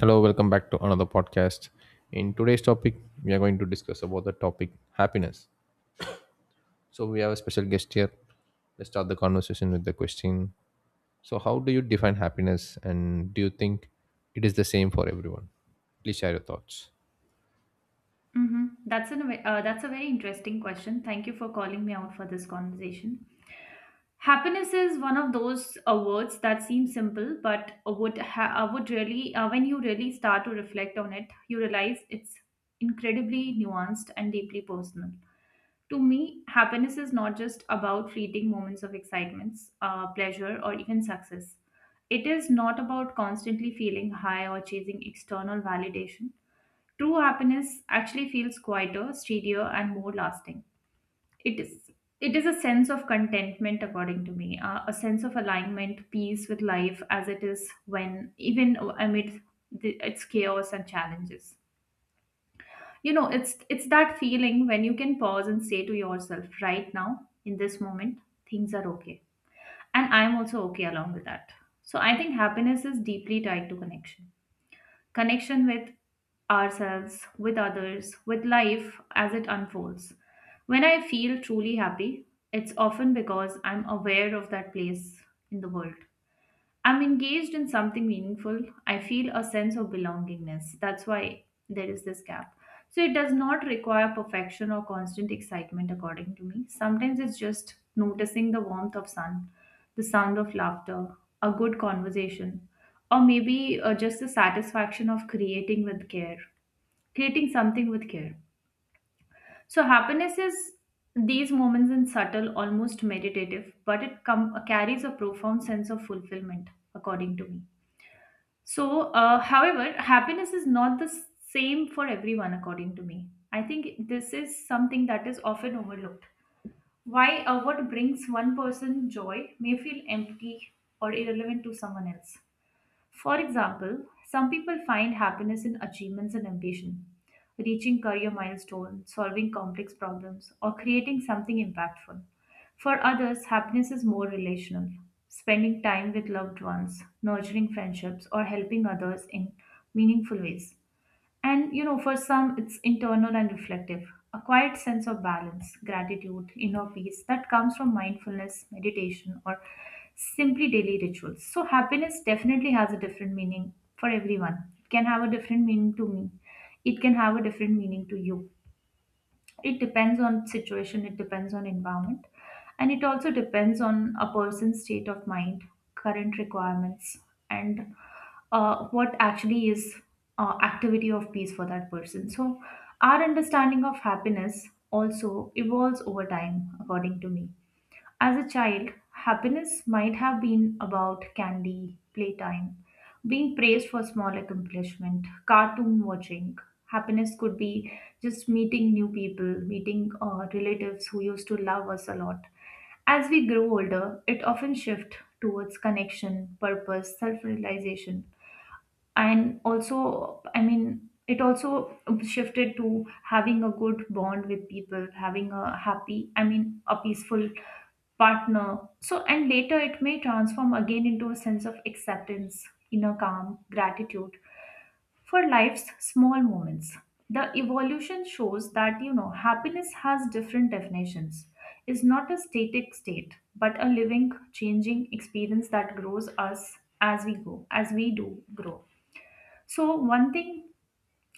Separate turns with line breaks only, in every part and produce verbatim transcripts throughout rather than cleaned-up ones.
Hello, welcome back to another podcast. In today's topic, we are going to discuss about the topic happiness. So we have a special guest here. Let's start the conversation with the question. So how do you define happiness and do you think it is the same for everyone? Please share your thoughts.
Mm-hmm. That's an uh, that's a very interesting question. Thank you for calling me out for this conversation. Happiness is one of those uh, words that seem simple, but would ha- uh, would really uh, when you really start to reflect on it, you realize it's incredibly nuanced and deeply personal. To me, happiness is not just about fleeting moments of excitements, uh, pleasure, or even success. It is not about constantly feeling high or chasing external validation. True happiness actually feels quieter, steadier, and more lasting. It is it is a sense of contentment, according to me, uh, a sense of alignment, peace with life as it is when even amid the, its chaos and challenges. You know, it's it's that feeling when you can pause and say to yourself, right now, in this moment, things are okay, and I'm also okay along with that. So I think happiness is deeply tied to connection connection with ourselves, with others, with life as it unfolds. When I feel truly happy, it's often because I'm aware of that place in the world. I'm engaged in something meaningful. I feel a sense of belongingness. That's why there is this gap. So it does not require perfection or constant excitement, according to me. Sometimes it's just noticing the warmth of sun, the sound of laughter, a good conversation, or maybe uh, just the satisfaction of creating with care, creating something with care. So happiness is these moments in subtle, almost meditative, but it com- carries a profound sense of fulfillment, according to me. So, uh, however, happiness is not the same for everyone, according to me. I think this is something that is often overlooked. Why uh, What brings one person joy may feel empty or irrelevant to someone else. For example, some people find happiness in achievements and ambition, reaching career milestones, solving complex problems, or creating something impactful. For others, happiness is more relational, spending time with loved ones, nurturing friendships, or helping others in meaningful ways. And you know, for some, it's internal and reflective, a quiet sense of balance, gratitude, inner peace that comes from mindfulness, meditation, or simply daily rituals. So, happiness definitely has a different meaning for everyone. It can have a different meaning to me, it can have a different meaning to you. It depends on situation, it depends on environment, and it also depends on a person's state of mind, current requirements, and uh, what actually is uh, activity of peace for that person. So our understanding of happiness also evolves over time, according to me. As a child, happiness might have been about candy, playtime, being praised for small accomplishment, cartoon watching. Happiness could be just meeting new people, meeting uh, relatives who used to love us a lot. As we grow older, it often shifts towards connection, purpose, self realization, and also, I mean, it also shifted to having a good bond with people, having a happy, I mean, a peaceful partner. So, and later it may transform again into a sense of acceptance, inner calm, gratitude for life's small moments. The evolution shows that, you know, happiness has different definitions. It's not a static state, but a living, changing experience that grows us as we go as we do grow. So, one thing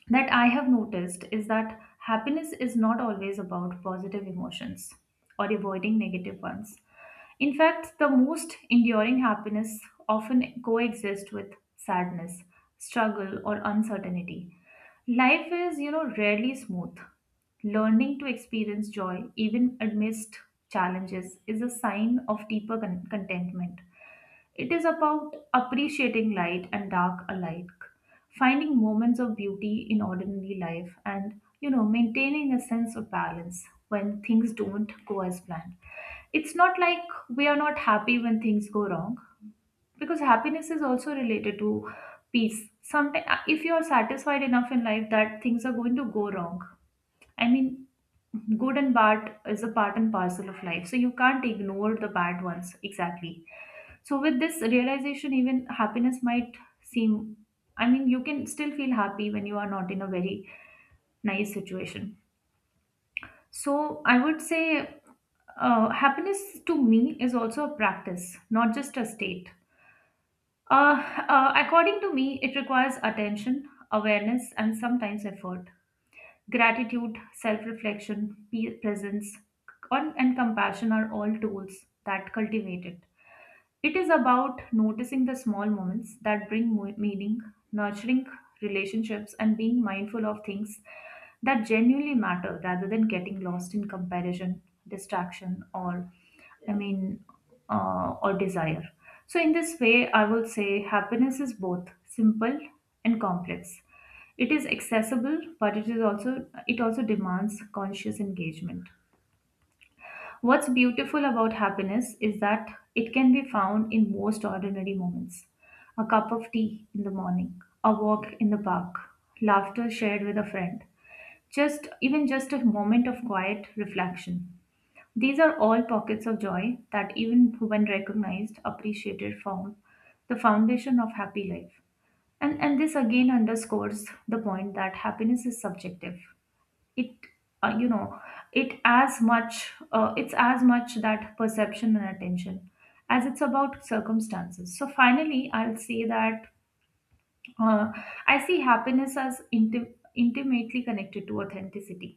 that I have noticed is that happiness is not always about positive emotions or avoiding negative ones. In fact, the most enduring happiness often coexists with sadness, struggle, or uncertainty. Life is, you know, rarely smooth. Learning to experience joy, even amidst challenges, is a sign of deeper con- contentment. It is about appreciating light and dark alike, finding moments of beauty in ordinary life, and you know, maintaining a sense of balance when things don't go as planned. It's not like we are not happy when things go wrong, because happiness is also related to peace. Sometimes, if you are satisfied enough in life that things are going to go wrong, I mean, good and bad is a part and parcel of life, so you can't ignore the bad ones exactly. So, with this realization, even happiness might seem, I mean, you can still feel happy when you are not in a very nice situation. So, I would say uh, happiness to me is also a practice, not just a state. Uh, uh, according to me, it requires attention, awareness, and sometimes effort. Gratitude, self reflection, presence, con- and compassion are all tools that cultivate it. It is about noticing the small moments that bring mo- meaning, nurturing relationships, and being mindful of things that genuinely matter rather than getting lost in comparison, distraction, or I mean, uh, or desire. So, in this way, I would say happiness is both simple and complex. It is accessible, but it is also it also demands conscious engagement. What's beautiful about happiness is that it can be found in most ordinary moments: a cup of tea in the morning, a walk in the park, laughter shared with a friend, just even just a moment of quiet reflection. These are all pockets of joy that, even when recognized, appreciated, form the foundation of happy life. And, and this again underscores the point that happiness is subjective. It uh, you know it as much uh, it's as much that perception and attention as it's about circumstances. So finally, I'll say that uh, I see happiness as intim- intimately connected to authenticity.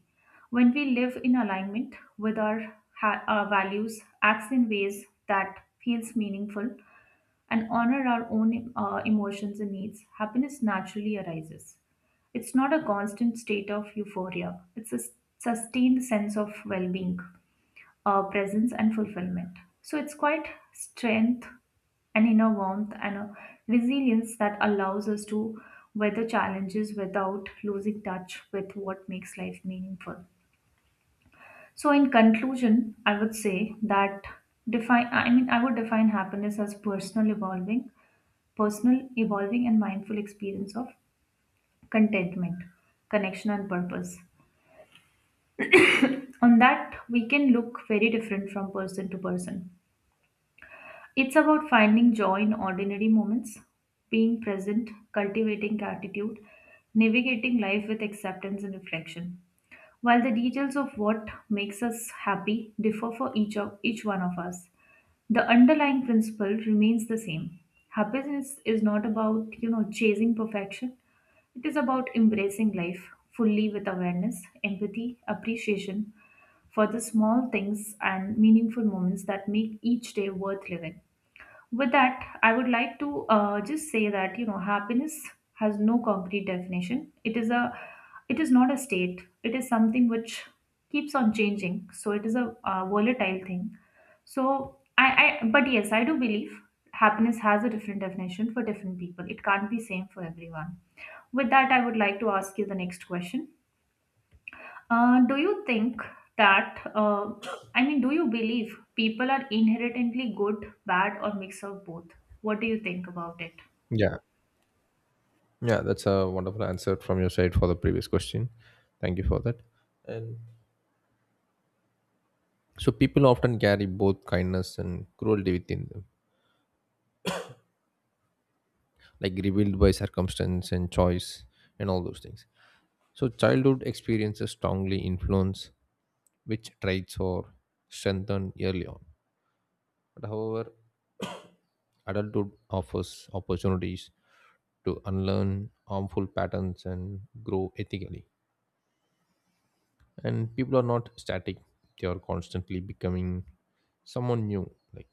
When we live in alignment with our, ha- our values, acts in ways that feels meaningful and honor our own uh, emotions and needs, happiness naturally arises. It's not a constant state of euphoria, it's a s- sustained sense of well being, uh, presence, and fulfillment. So it's quite strength, an inner warmth, and a resilience that allows us to weather challenges without losing touch with what makes life meaningful. So, in conclusion, I would say that define, I mean, I would define happiness as personal evolving personal, evolving, and mindful experience of contentment, connection, and purpose. On that, we can look very different from person to person. It's about finding joy in ordinary moments, being present, cultivating gratitude, navigating life with acceptance and reflection. While the details of what makes us happy differ for each of each one of us, the underlying principle remains the same: happiness is not about, you know, chasing perfection. It is about embracing life fully with awareness, empathy, appreciation for the small things and meaningful moments that make each day worth living. With that, I would like to uh, just say that, you know, happiness has no concrete definition. It is a, it is not a state. It is something which keeps on changing. So it is a uh, volatile thing. So I, I, but yes, I do believe happiness has a different definition for different people. It can't be same for everyone. With that, I would like to ask you the next question. Uh, do you think that, uh, I mean, do you believe people are inherently good, bad, or mix of both? What do you think about it?
Yeah. Yeah, that's a wonderful answer from your side for the previous question. Thank you for that. And so people often carry both kindness and cruelty within them, like revealed by circumstance and choice and all those things. So childhood experiences strongly influence which traits are strengthened early on. But however, adulthood offers opportunities to unlearn harmful patterns and grow ethically. And people are not static, they are constantly becoming someone new, like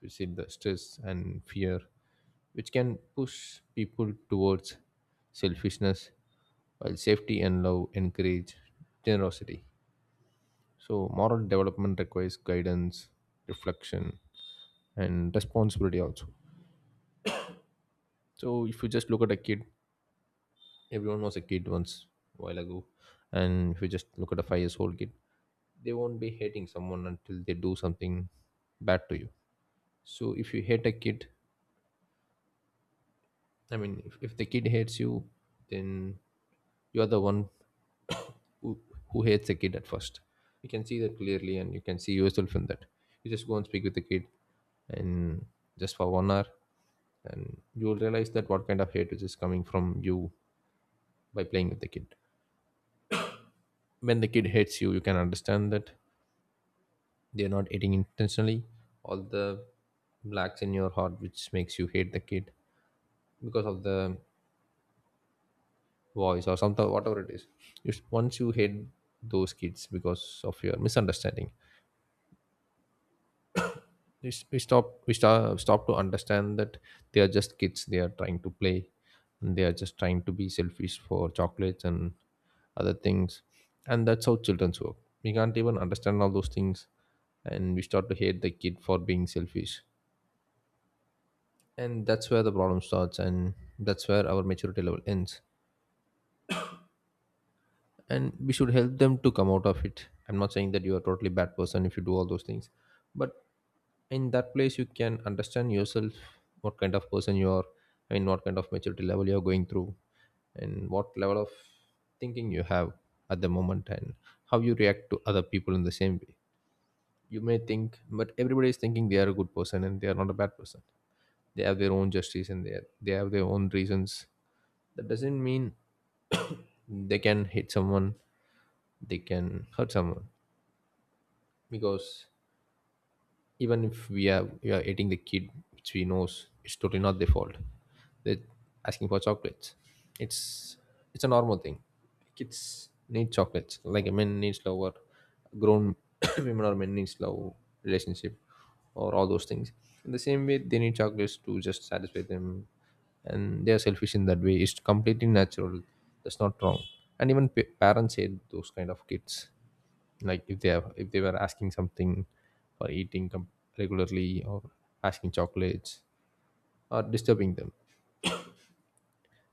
we said, the stress and fear, which can push people towards selfishness, while safety and love encourage generosity. So moral development requires guidance, reflection, and responsibility also. So if you just look at a kid, everyone was a kid once a while ago, and if you just look at a five years old kid, they won't be hating someone until they do something bad to you. So if you hate a kid, I mean, if, if the kid hates you, then you are the one who, who hates the kid at first. You can see that clearly, and you can see yourself in that. You just go and speak with the kid, and just for one hour and you'll realize that what kind of hate which is coming from you by playing with the kid. When the kid hates you, you can understand that they're not hating intentionally. All the blacks in your heart which makes you hate the kid because of the voice or something, whatever it is, you, once you hate those kids because of your misunderstanding, we, s- we stop we stop, stop to understand that they are just kids, they are trying to play, and they are just trying to be selfish for chocolates and other things, and that's how children's work. We can't even understand all those things, and we start to hate the kid for being selfish, and that's where the problem starts, and that's where our maturity level ends, and we should help them to come out of it. I'm not saying that you are a totally bad person if you do all those things, but in that place you can understand yourself what kind of person you are. I mean, what kind of maturity level you're going through, and what level of thinking you have at the moment, and how you react to other people in the same way. You may think, but everybody is thinking they are a good person and they are not a bad person. They have their own justice, and they, they have their own reasons. That doesn't mean they can hit someone, they can hurt someone, because even if we are we are eating the kid, which we knows it's totally not their fault, they're asking for chocolates. it's it's a normal thing. Kids need chocolates like a man needs love, or grown women or men needs love, relationship, or all those things. In the same way, they need chocolates to just satisfy them, and they are selfish in that way. It's completely natural, that's not wrong. And even pa- parents hate those kind of kids, like if they have, if they were asking something or eating com- regularly, or asking chocolates, or disturbing them.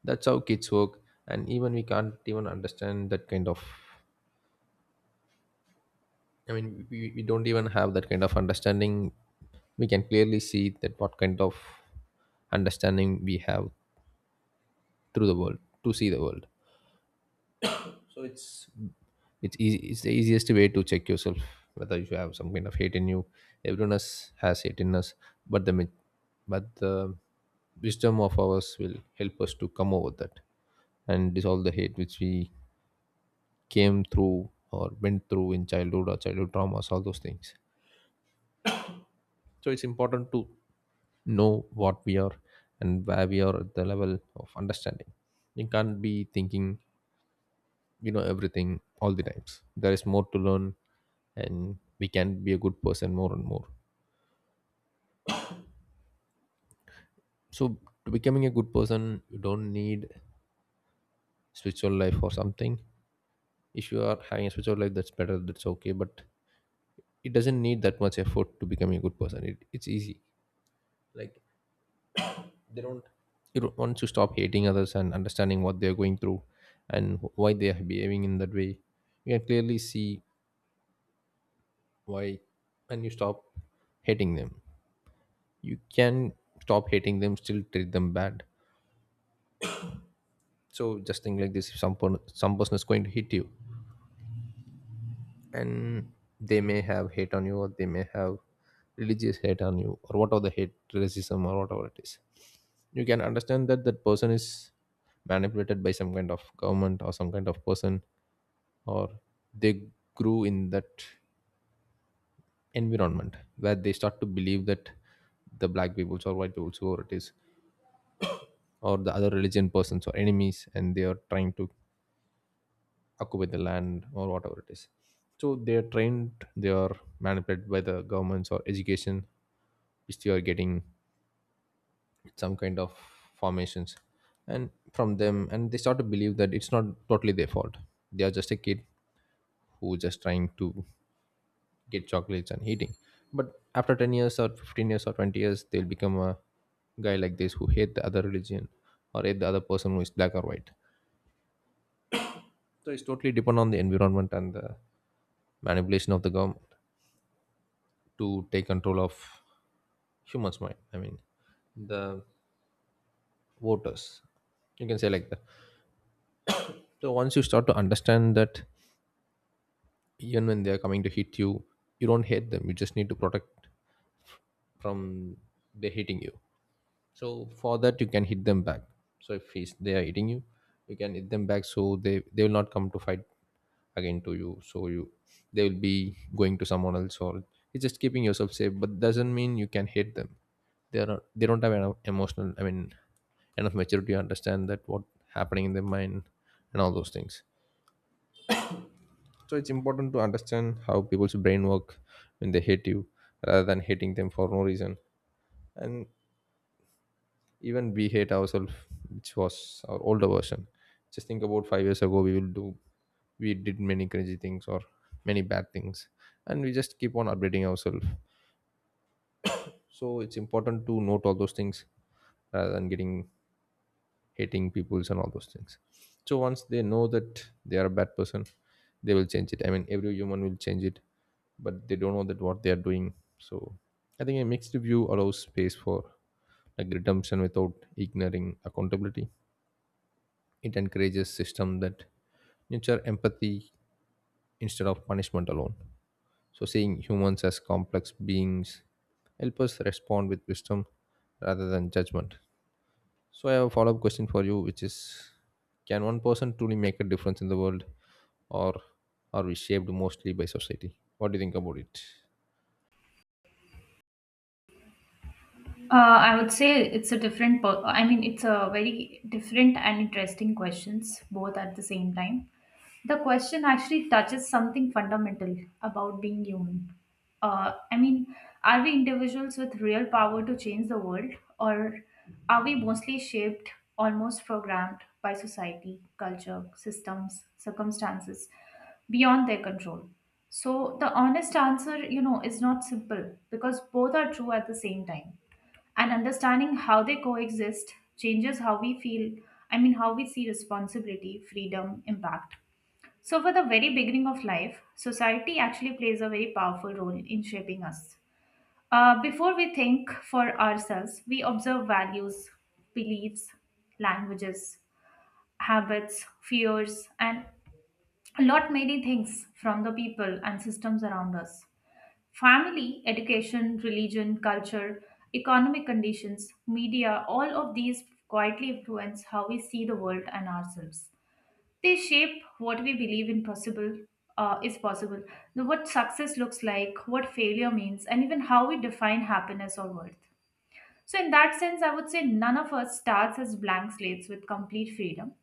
That's how kids work, and even we can't even understand that kind of, I mean, we, we don't even have that kind of understanding. We can clearly see that what kind of understanding we have through the world to see the world. So it's it's easy, it's the easiest way to check yourself whether you have some kind of hate in you. Everyone else has hate in us, but the mi- but the wisdom of ours will help us to come over that and dissolve the hate which we came through or went through in childhood, or childhood traumas, all those things. So it's important to know what we are and where we are at the level of understanding. You can't be thinking you know everything all the times, there is more to learn, and we can be a good person more and more. So to becoming a good person you don't need spiritual life or something. If you are having a spiritual life, that's better, that's okay, but it doesn't need that much effort to becoming a good person. It, it's easy. Like, they don't, you don't want to stop hating others and understanding what they're going through and why they are behaving in that way. You can clearly see why, and you stop hating them. You can stop hating them, still treat them bad. So just think like this: if some, per- some person is going to hit you, and they may have hate on you, or they may have religious hate on you, or whatever, the hate, racism, or whatever it is, you can understand that that person is manipulated by some kind of government or some kind of person, or they grew in that environment where they start to believe that the black peoples or white peoples, whoever it is, or the other religion persons or enemies, and they are trying to occupy the land or whatever it is. So they are trained, they are manipulated by the governments or education, which they are getting some kind of formations and from them, and they start to believe that it's not totally their fault. They are just a kid who just trying to get chocolates and eating. But after ten years or fifteen years or twenty years, they'll become a guy like this who hate the other religion or hate the other person who is black or white. So it's totally depend on the environment and the manipulation of the government to take control of humans mind. I mean, the voters, you can say like that. So once you start to understand that, even when they are coming to hit you, you don't hate them, you just need to protect from they hitting you. So for that you can hit them back. So if he's they are hitting you, you can hit them back, so they they will not come to fight again to you. So you, they will be going to someone else, or it's just keeping yourself safe. But doesn't mean you can hate them. They are not, they don't have enough emotional, I mean enough maturity to understand that what happening in their mind and all those things. So it's important to understand how people's brain work when they hate you, rather than hating them for no reason. And even we hate ourselves, which was our older version. Just think about five years ago, we will do we did many crazy things or many bad things, and we just keep on updating ourselves. So it's important to note all those things rather than getting hating peoples and all those things. So once they know that they are a bad person, they will change it. I mean, every human will change it, but they don't know that what they are doing. So I think a mixed review allows space for like redemption without ignoring accountability. It encourages system that nurture empathy instead of punishment alone. So seeing humans as complex beings help us respond with wisdom rather than judgment. So I have a follow-up question for you, which is, can one person truly make a difference in the world, or are we shaped mostly by society? What do you think about it?
Uh, I would say it's a different, per- I mean, it's a very different and interesting questions, both at the same time. The question actually touches something fundamental about being human. Uh, I mean, are we individuals with real power to change the world, or are we mostly shaped, almost programmed by society, culture, systems, circumstances beyond their control? So, the honest answer, you know, is not simple because both are true at the same time, and understanding how they coexist changes how we feel, I mean, how we see responsibility, freedom, impact. So for the very beginning of life, society actually plays a very powerful role in shaping us. Uh, before we think for ourselves, we observe values, beliefs, languages, habits, fears, and a lot many things from the people and systems around us. Family, education, religion, culture, economic conditions, media, all of these quietly influence how we see the world and ourselves. They shape what we believe in possible uh, is possible, what success looks like, what failure means, and even how we define happiness or worth. So, in that sense, I would say none of us starts as blank slates with complete freedom.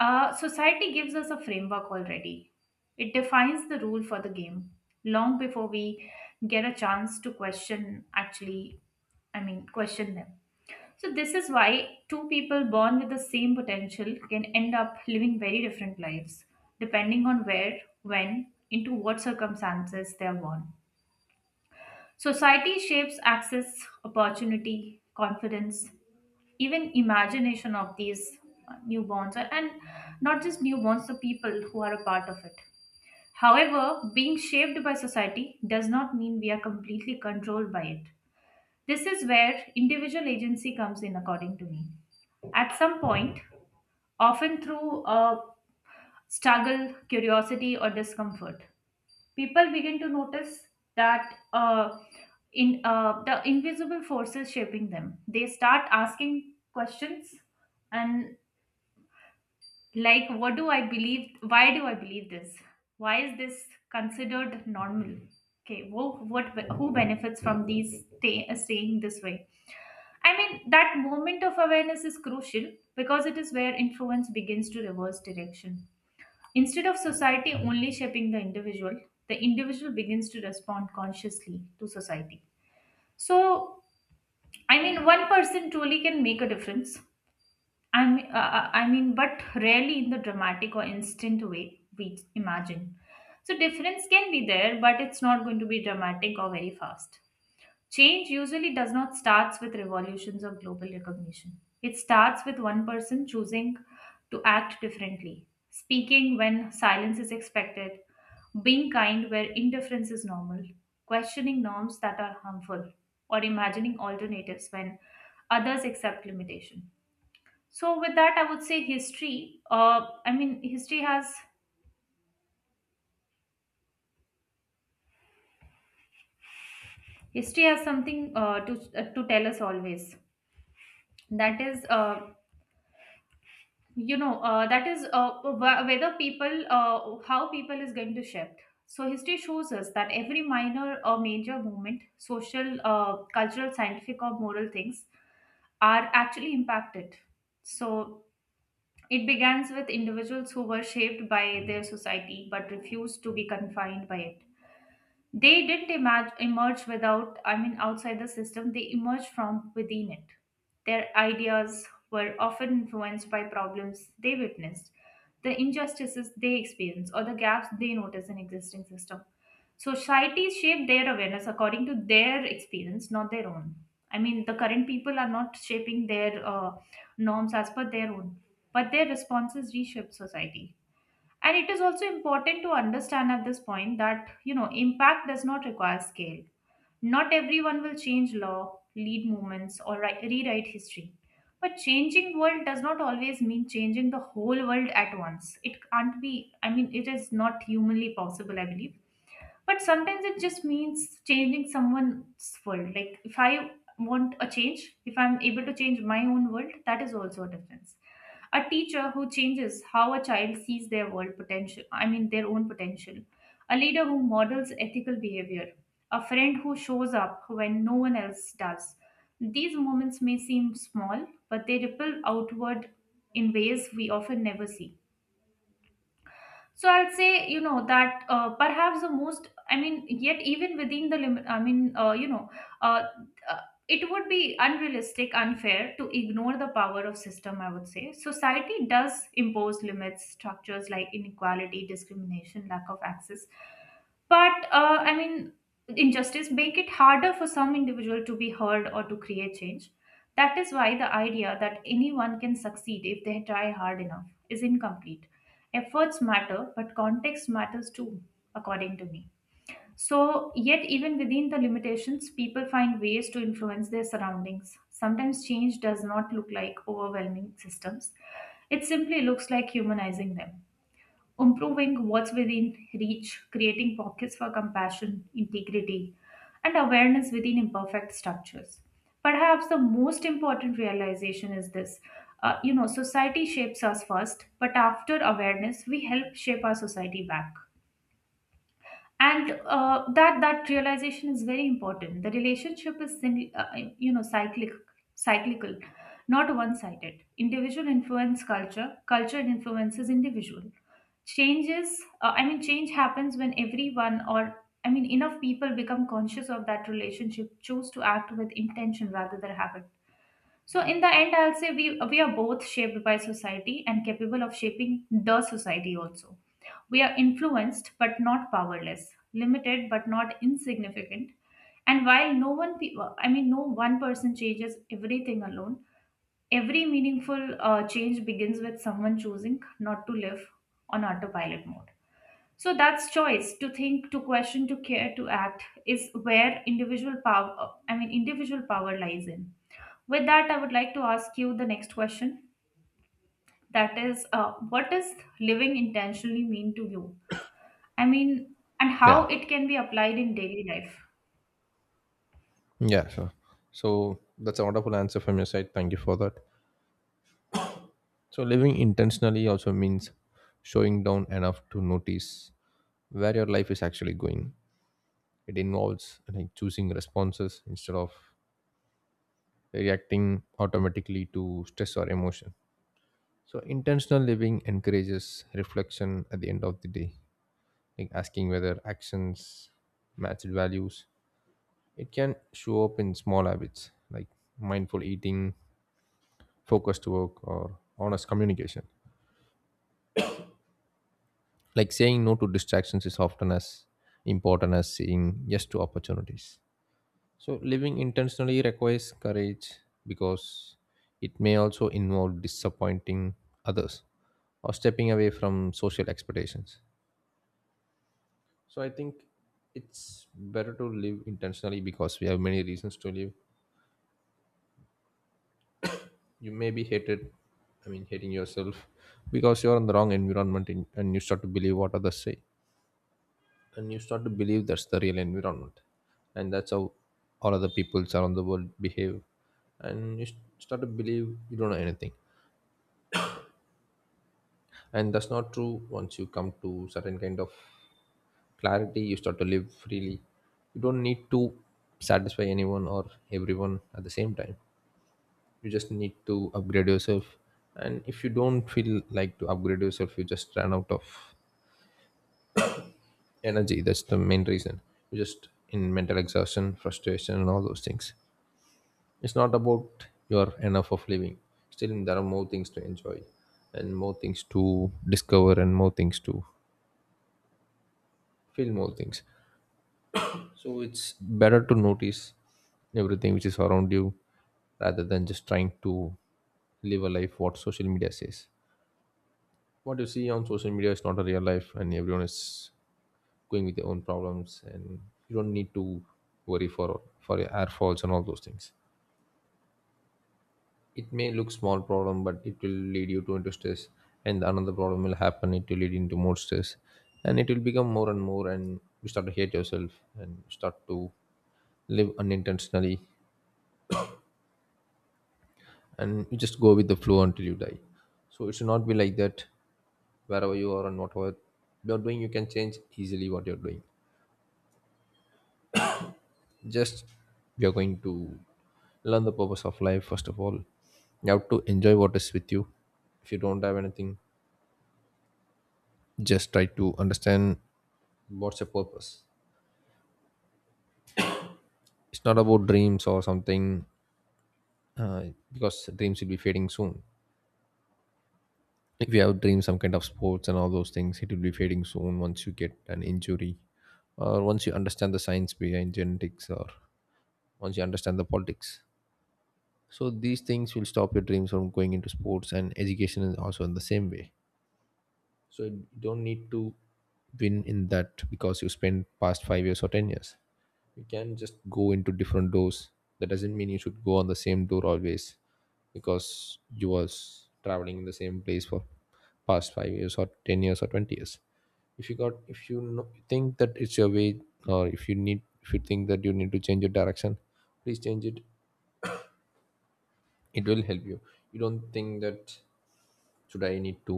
Uh, society gives us a framework already, it defines the rule for the game long before we get a chance to question, actually, I mean, question them. So, this is why two people born with the same potential can end up living very different lives, depending on where, when, into what circumstances they are born. Society shapes access, opportunity, confidence, even imagination of these uh, newborns or and not just newborns, the people who are a part of it. However, being shaped by society does not mean we are completely controlled by it. This is where individual agency comes in, according to me. At some point, often through uh, struggle, curiosity or discomfort, people begin to notice that uh, in uh, the invisible forces shaping them. They start asking questions, and like, what do I believe? Why do I believe this? Why is this considered normal? Okay, who, what, who benefits from these stay, uh, staying this way? I mean, that moment of awareness is crucial, because it is where influence begins to reverse direction. Instead of society only shaping the individual, the individual begins to respond consciously to society. So, I mean, one person truly can make a difference, I mean, uh, uh, I mean, but rarely in the dramatic or instant way we imagine. So difference can be there, but it's not going to be dramatic or very fast. Change usually does not starts with revolutions or global recognition. It starts with one person choosing to act differently, speaking when silence is expected, being kind where indifference is normal, questioning norms that are harmful, or imagining alternatives when others accept limitation. So with that, I would say history uh, I mean history has history has something uh, to uh, to tell us always. That is, uh, you know uh, that is uh, wh- whether people uh, how people is going to shift. So history shows us that every minor or major movement, social, uh, cultural, scientific or moral things, are actually impacted. So it begins with individuals who were shaped by their society but refused to be confined by it. They didn't emerge, emerge without, I mean, outside the system, they emerged from within it. Their ideas were often influenced by problems they witnessed, the injustices they experienced, or the gaps they noticed in existing system. Societies shape their awareness according to their experience, not their own. I mean, the current people are not shaping their uh, norms as per their own, but their responses reshape society. And it is also important to understand at this point that, you know, impact does not require scale. Not everyone will change law, lead movements, or ri- rewrite history. But changing world does not always mean changing the whole world at once. It can't be, I mean, it is not humanly possible, I believe, but sometimes it just means changing someone's world. Like, if I want a change, if I'm able to change my own world, that is also a difference. A teacher who changes how a child sees their world potential, I mean their own potential, a leader who models ethical behavior, a friend who shows up when no one else does, these moments may seem small, but they ripple outward in ways we often never see. So I would say, you know, that uh, perhaps the most, I mean, yet even within the limit, I mean, uh, you know uh, uh, it would be unrealistic, unfair to ignore the power of system. I would say society does impose limits, structures like inequality, discrimination, lack of access, but uh, I mean, injustice make it harder for some individual to be heard or to create change. That is why the idea that anyone can succeed if they try hard enough is incomplete. Efforts matter, but context matters too, according to me. So, yet, even within the limitations, people find ways to influence their surroundings. Sometimes change does not look like overwhelming systems, it simply looks like humanizing them, improving what's within reach, creating pockets for compassion, integrity, and awareness within imperfect structures. Perhaps the most important realization is this. Uh, you know, society shapes us first, but after awareness, we help shape our society back. And uh, that that realization is very important. The relationship is, sin- uh, you know, cyclic, cyclical, not one-sided. Individual influence culture, culture influences individual. Changes uh, i mean change happens when everyone, or I mean enough people, become conscious of that relationship, choose to act with intention rather than habit. So in the end, I'll say we we are both shaped by society and capable of shaping the society also. We are influenced but not powerless, limited but not insignificant. And while no one pe- uh, I mean no one person changes everything alone, every meaningful uh, change begins with someone choosing not to live on autopilot mode. So that's choice to think, to question, to care, to act is where individual power, I mean, individual power lies in. With that, I would like to ask you the next question. That is, uh, what does living intentionally mean to you? I mean, and
Yeah.
how it can be applied in daily life?
Yeah, sure. So that's a wonderful answer from your side, thank you for that. So living intentionally also means showing down enough to notice where your life is actually going. It involves like choosing responses instead of reacting automatically to stress or emotion. So intentional living encourages reflection at the end of the day, like asking whether actions match values. It can show up in small habits like mindful eating, focused work, or honest communication. Like saying no to distractions is often as important as saying yes to opportunities. So living intentionally requires courage because it may also involve disappointing others or stepping away from social expectations. So I think it's better to live intentionally because we have many reasons to live. You may be hated, I mean hating yourself, because you're in the wrong environment in, and you start to believe what others say, and you start to believe that's the real environment, and that's how all other peoples around the world behave, and you st- start to believe you don't know anything. And that's not true. Once you come to certain kind of clarity you start to live freely. You don't need to satisfy anyone or everyone at the same time. You just need to upgrade yourself, and if you don't feel like to upgrade yourself you just run out of energy. That's the main reason you just in mental exhaustion, frustration, and all those things. It's not about you're enough of living. Still, there are more things to enjoy, and more things to discover, and more things to feel, more things. So it's better to notice everything which is around you, rather than just trying to live a life what social media says. What you see on social media is not a real life, and everyone is going with their own problems, and you don't need to worry for for your air falls and all those things. It may look small problem but it will lead you to into stress, and another problem will happen, it will lead into more stress, and it will become more and more and you start to hate yourself and start to live unintentionally and you just go with the flow until you die. So it should not be like that. Wherever you are and whatever you're doing you can change easily what you're doing. Just you're going to learn the purpose of life. First of all you have to enjoy what is with you. If you don't have anything, just try to understand what's your purpose. It's not about dreams or something, uh, because dreams will be fading soon. If you have dreams some kind of sports and all those things it will be fading soon once you get an injury, or once you understand the science behind genetics, or once you understand the politics. So these things will stop your dreams from going into sports, and education is also in the same way. So you don't need to win in that because you spent past five years or ten years. You can just go into different doors. That doesn't mean you should go on the same door always because you was traveling in the same place for past five years or ten years or twenty years. If you got if you know, think that it's your way, or if you need if you think that you need to change your direction, please change it. It will help you. You don't think that should I need to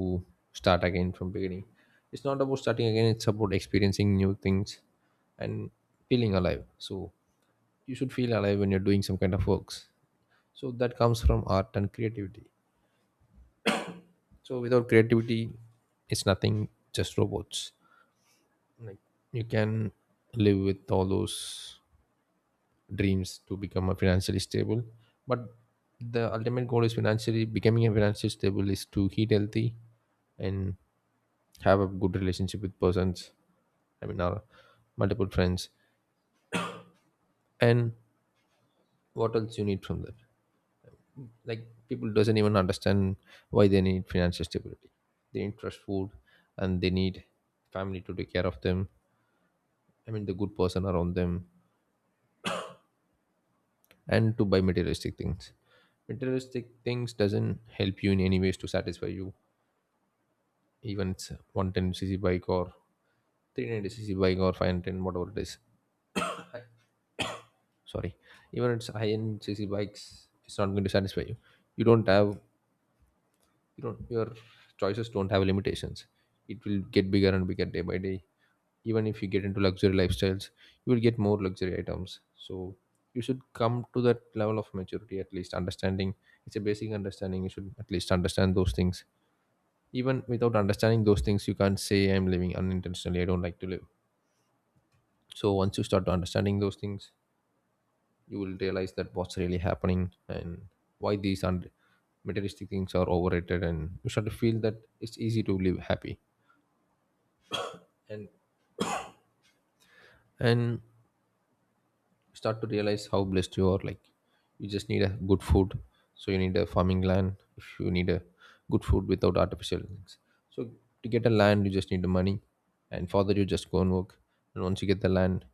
start again from beginning. It's not about starting again, it's about experiencing new things and feeling alive. So you should feel alive when you're doing some kind of works. So that comes from art and creativity. So without creativity it's nothing, just robots. Like, you can live with all those dreams to become a financially stable, but the ultimate goal is financially becoming a financially stable is to eat healthy and have a good relationship with persons, I mean our multiple friends, and what else you need from that. Like, people doesn't even understand why they need financial stability. They need trust food, and they need family to take care of them, I mean the good person around them, and to buy materialistic things. Materialistic things doesn't help you in any ways to satisfy you, even it's one ten c c bike or three ninety c c bike or five ten whatever it is. Hi- sorry Even it's high end cc bikes it's not going to satisfy you. You don't have, you don't, your choices don't have limitations. It will get bigger and bigger day by day. Even if you get into luxury lifestyles you will get more luxury items. So you should come to that level of maturity, at least understanding. It's a basic understanding, you should at least understand those things. Even without understanding those things you can't say I'm living unintentionally, I don't like to live. So once you start understanding those things you will realize that what's really happening, and why these un- materialistic things are overrated, and you start to feel that it's easy to live happy, and and start to realize how blessed you are. Like, you just need a good food. So you need a farming land if you need a good food without artificial things. So to get a land you just need the money, and further you just go and work, and once you get the land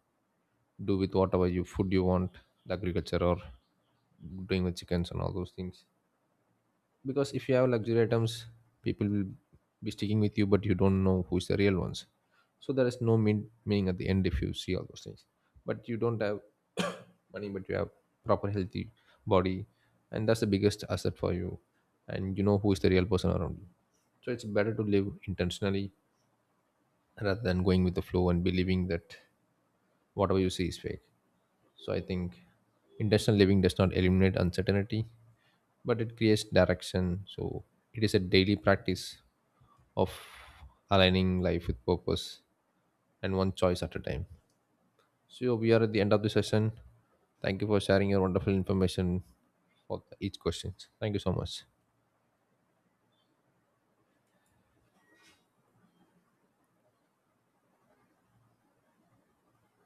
do with whatever you food you want, the agriculture or doing with chickens and all those things. Because if you have luxury items people will be sticking with you but you don't know who's the real ones. So there is no mean, meaning at the end if you see all those things. But you don't have money but you have proper healthy body, and that's the biggest asset for you, and you know who is the real person around you. So it's better to live intentionally rather than going with the flow and believing that whatever you see is fake. So I think intentional living does not eliminate uncertainty but it creates direction. So it is a daily practice of aligning life with purpose and one choice at a time. So yeah, we are at the end of the session. Thank you for sharing your wonderful information for each question. Thank you so much.